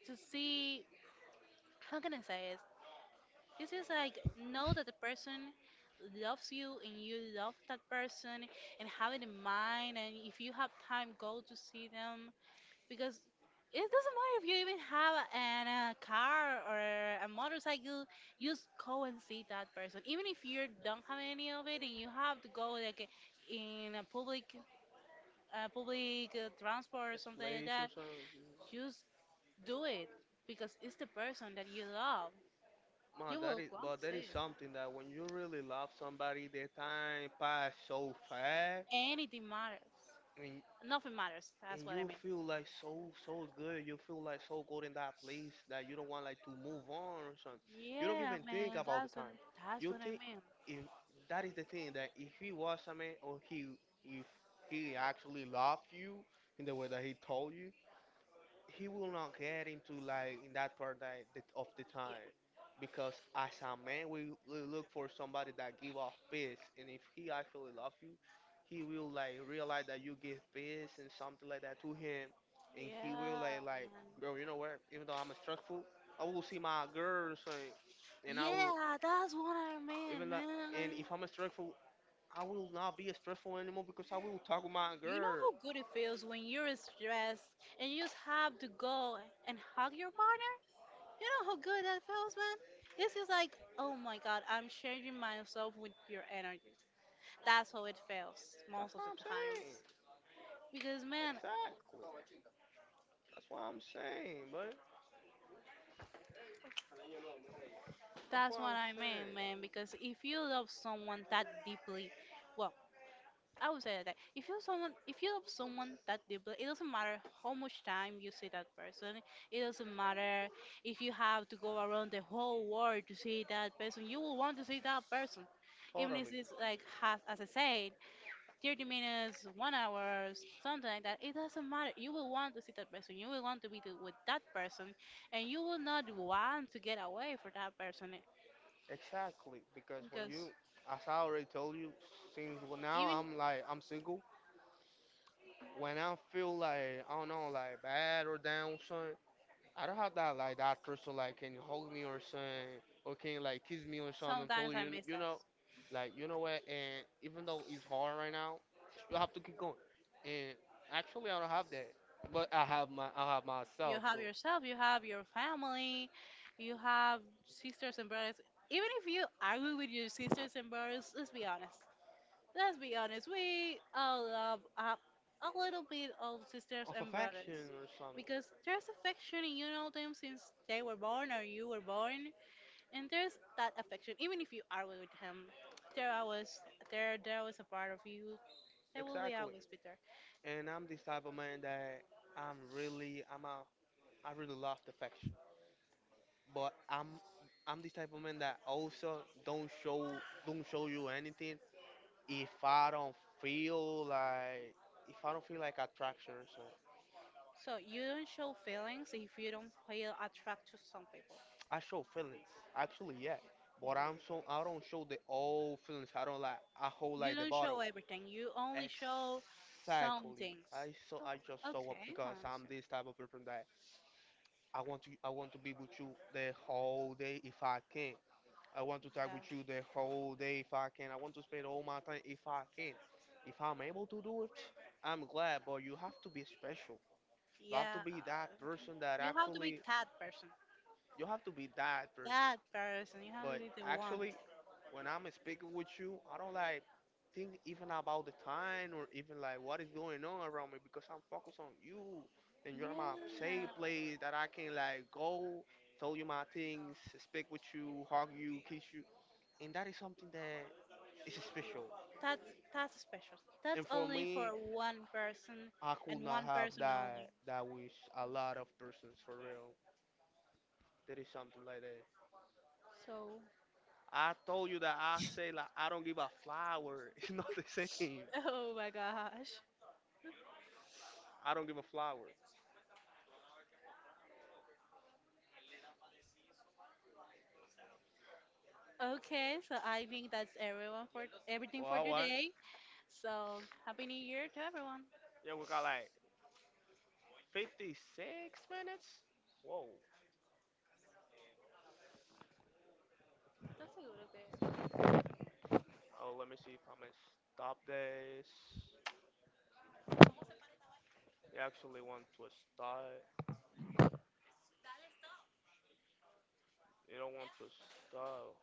S2: to see, how can I say it? This is like know that the person loves you and you love that person and have it in mind and if you have time go to see them because it doesn't matter if you even have a car or a motorcycle. You just go and see that person even if you don't have any of it and you have to go like in a public transport or something like
S1: Place or
S2: that.
S1: something.
S2: Just do it because it's the person that you love.
S1: Man,
S2: You
S1: that
S2: will
S1: is,
S2: want
S1: but
S2: to
S1: that is
S2: see it.
S1: something that when you really love somebody, the time pass so fast,
S2: Anything matters.
S1: and
S2: Nothing matters. That's
S1: and
S2: what I
S1: you
S2: mean.
S1: feel like so so good. You feel like so good in that place that you don't want like to move on or something. You don't
S2: Yeah,
S1: even think
S2: man.
S1: about the time.
S2: That's
S1: You
S2: what I
S1: think
S2: mean.
S1: if, that is the thing that if he was a man, or he, if he actually loved you in the way that he told you, he will not get into like in that part that, that of the
S2: Yeah.
S1: time, because as a man we look for somebody that give off peace, and if he actually love you he will like realize that you give peace and something like that to him, and he will like
S2: Yeah,
S1: like
S2: man.
S1: bro you know what, even though I'm stressful I will see my girls, and I will
S2: Yeah, that's what I mean,
S1: even like,
S2: man.
S1: and if I'm stressful I will not be stressful anymore because I will talk with my
S2: You know
S1: girl.
S2: how good it feels when you're stressed and you just have to go and hug your partner? You know how good that feels, man? This is like, oh my god, I'm changing myself with your energy. That's how it feels
S1: That's
S2: most of
S1: what
S2: the
S1: I'm saying.
S2: times. Because, man,
S1: Exactly. That's what I'm saying, boy. That's
S2: that's
S1: what
S2: what
S1: I'm
S2: I mean, man,
S1: saying.
S2: because if you love someone that deeply, well, I would say that if you someone if you love someone that deeply, it doesn't matter how much time you see that person. It doesn't matter if you have to go around the whole world to see that person. You will want to see that person. Even if
S1: Totally.
S2: it's like has as I said, 30 minutes, 1 hour, something like that. It doesn't matter. You will want to see that person. You will want to be with that person, and you will not want to get away from that person
S1: Exactly. Because when you,
S2: because
S1: as I already told you, since when now
S2: even
S1: I'm like, I'm single, when I feel like, I don't know, like bad or down, something, I don't have that, like, that person, like, can hug me or something, or can, like, kiss me or something. I'm
S2: sometimes
S1: totally,
S2: I miss
S1: you
S2: that.
S1: know, like, you know what? And even though it's hard right now, you have to keep going. And actually, I don't have that. But I have I have
S2: You
S1: myself, so,
S2: have yourself, you have your family, you have sisters and brothers. Even if you argue with your sisters and brothers, let's be honest. Let's be honest. We all love up a little bit of sisters
S1: of
S2: and brothers
S1: affection or
S2: because
S1: something.
S2: there's affection and you know them since they were born or you were born, and there's that affection. Even if you argue with him, there always there was a part of you that will be
S1: Exactly.
S2: always be there.
S1: And I'm this type of man that I'm a, I really love affection, but I'm this type of man that also don't show don't show you anything if I don't feel like, if I don't feel like attraction or something.
S2: So you don't show feelings if you don't feel attracted to some people.
S1: I show feelings actually, yeah, but I'm so I don't show the old feelings. I don't like I hold
S2: You
S1: like the
S2: don't show
S1: bottle.
S2: everything. You only show some
S1: Exactly.
S2: things.
S1: I so I just show up
S2: Okay,
S1: because I'm
S2: honestly.
S1: this type of person that I want to be with you the whole day if I can. I want to talk with you the whole day if I can. I want to spend all my time if I can. If I'm able to do it, I'm glad, but you have to be special. You
S2: Yeah.
S1: have to
S2: Yeah.
S1: be that person that
S2: You have to be
S1: actually
S2: that person.
S1: you have to be that person,
S2: That person. You have to
S1: but
S2: be the one.
S1: actually, when I'm speaking with you, I don't like think even about the time or even like what is going on around me because I'm focused on you, and you're my safe
S2: Yeah.
S1: place that I can like go tell you my things, speak with you, hug you, kiss you. And that is something that is special.
S2: That's that's special. That's
S1: And for
S2: only for
S1: me,
S2: one person
S1: I could
S2: and
S1: not
S2: one
S1: have
S2: person only.
S1: that with a lot of persons for real. That is something like that.
S2: So
S1: I told you that I say like I don't give a flower. It's not the same.
S2: oh my gosh.
S1: I don't give a flower.
S2: Okay, so I think that's everyone for everything
S1: Well,
S2: for
S1: I want.
S2: today. So, Happy New Year to everyone.
S1: Yeah, we got like 56 minutes. Whoa.
S2: That's a good idea.
S1: Oh, let me see if I'm gonna stop this. You actually want to start. You don't want to stop.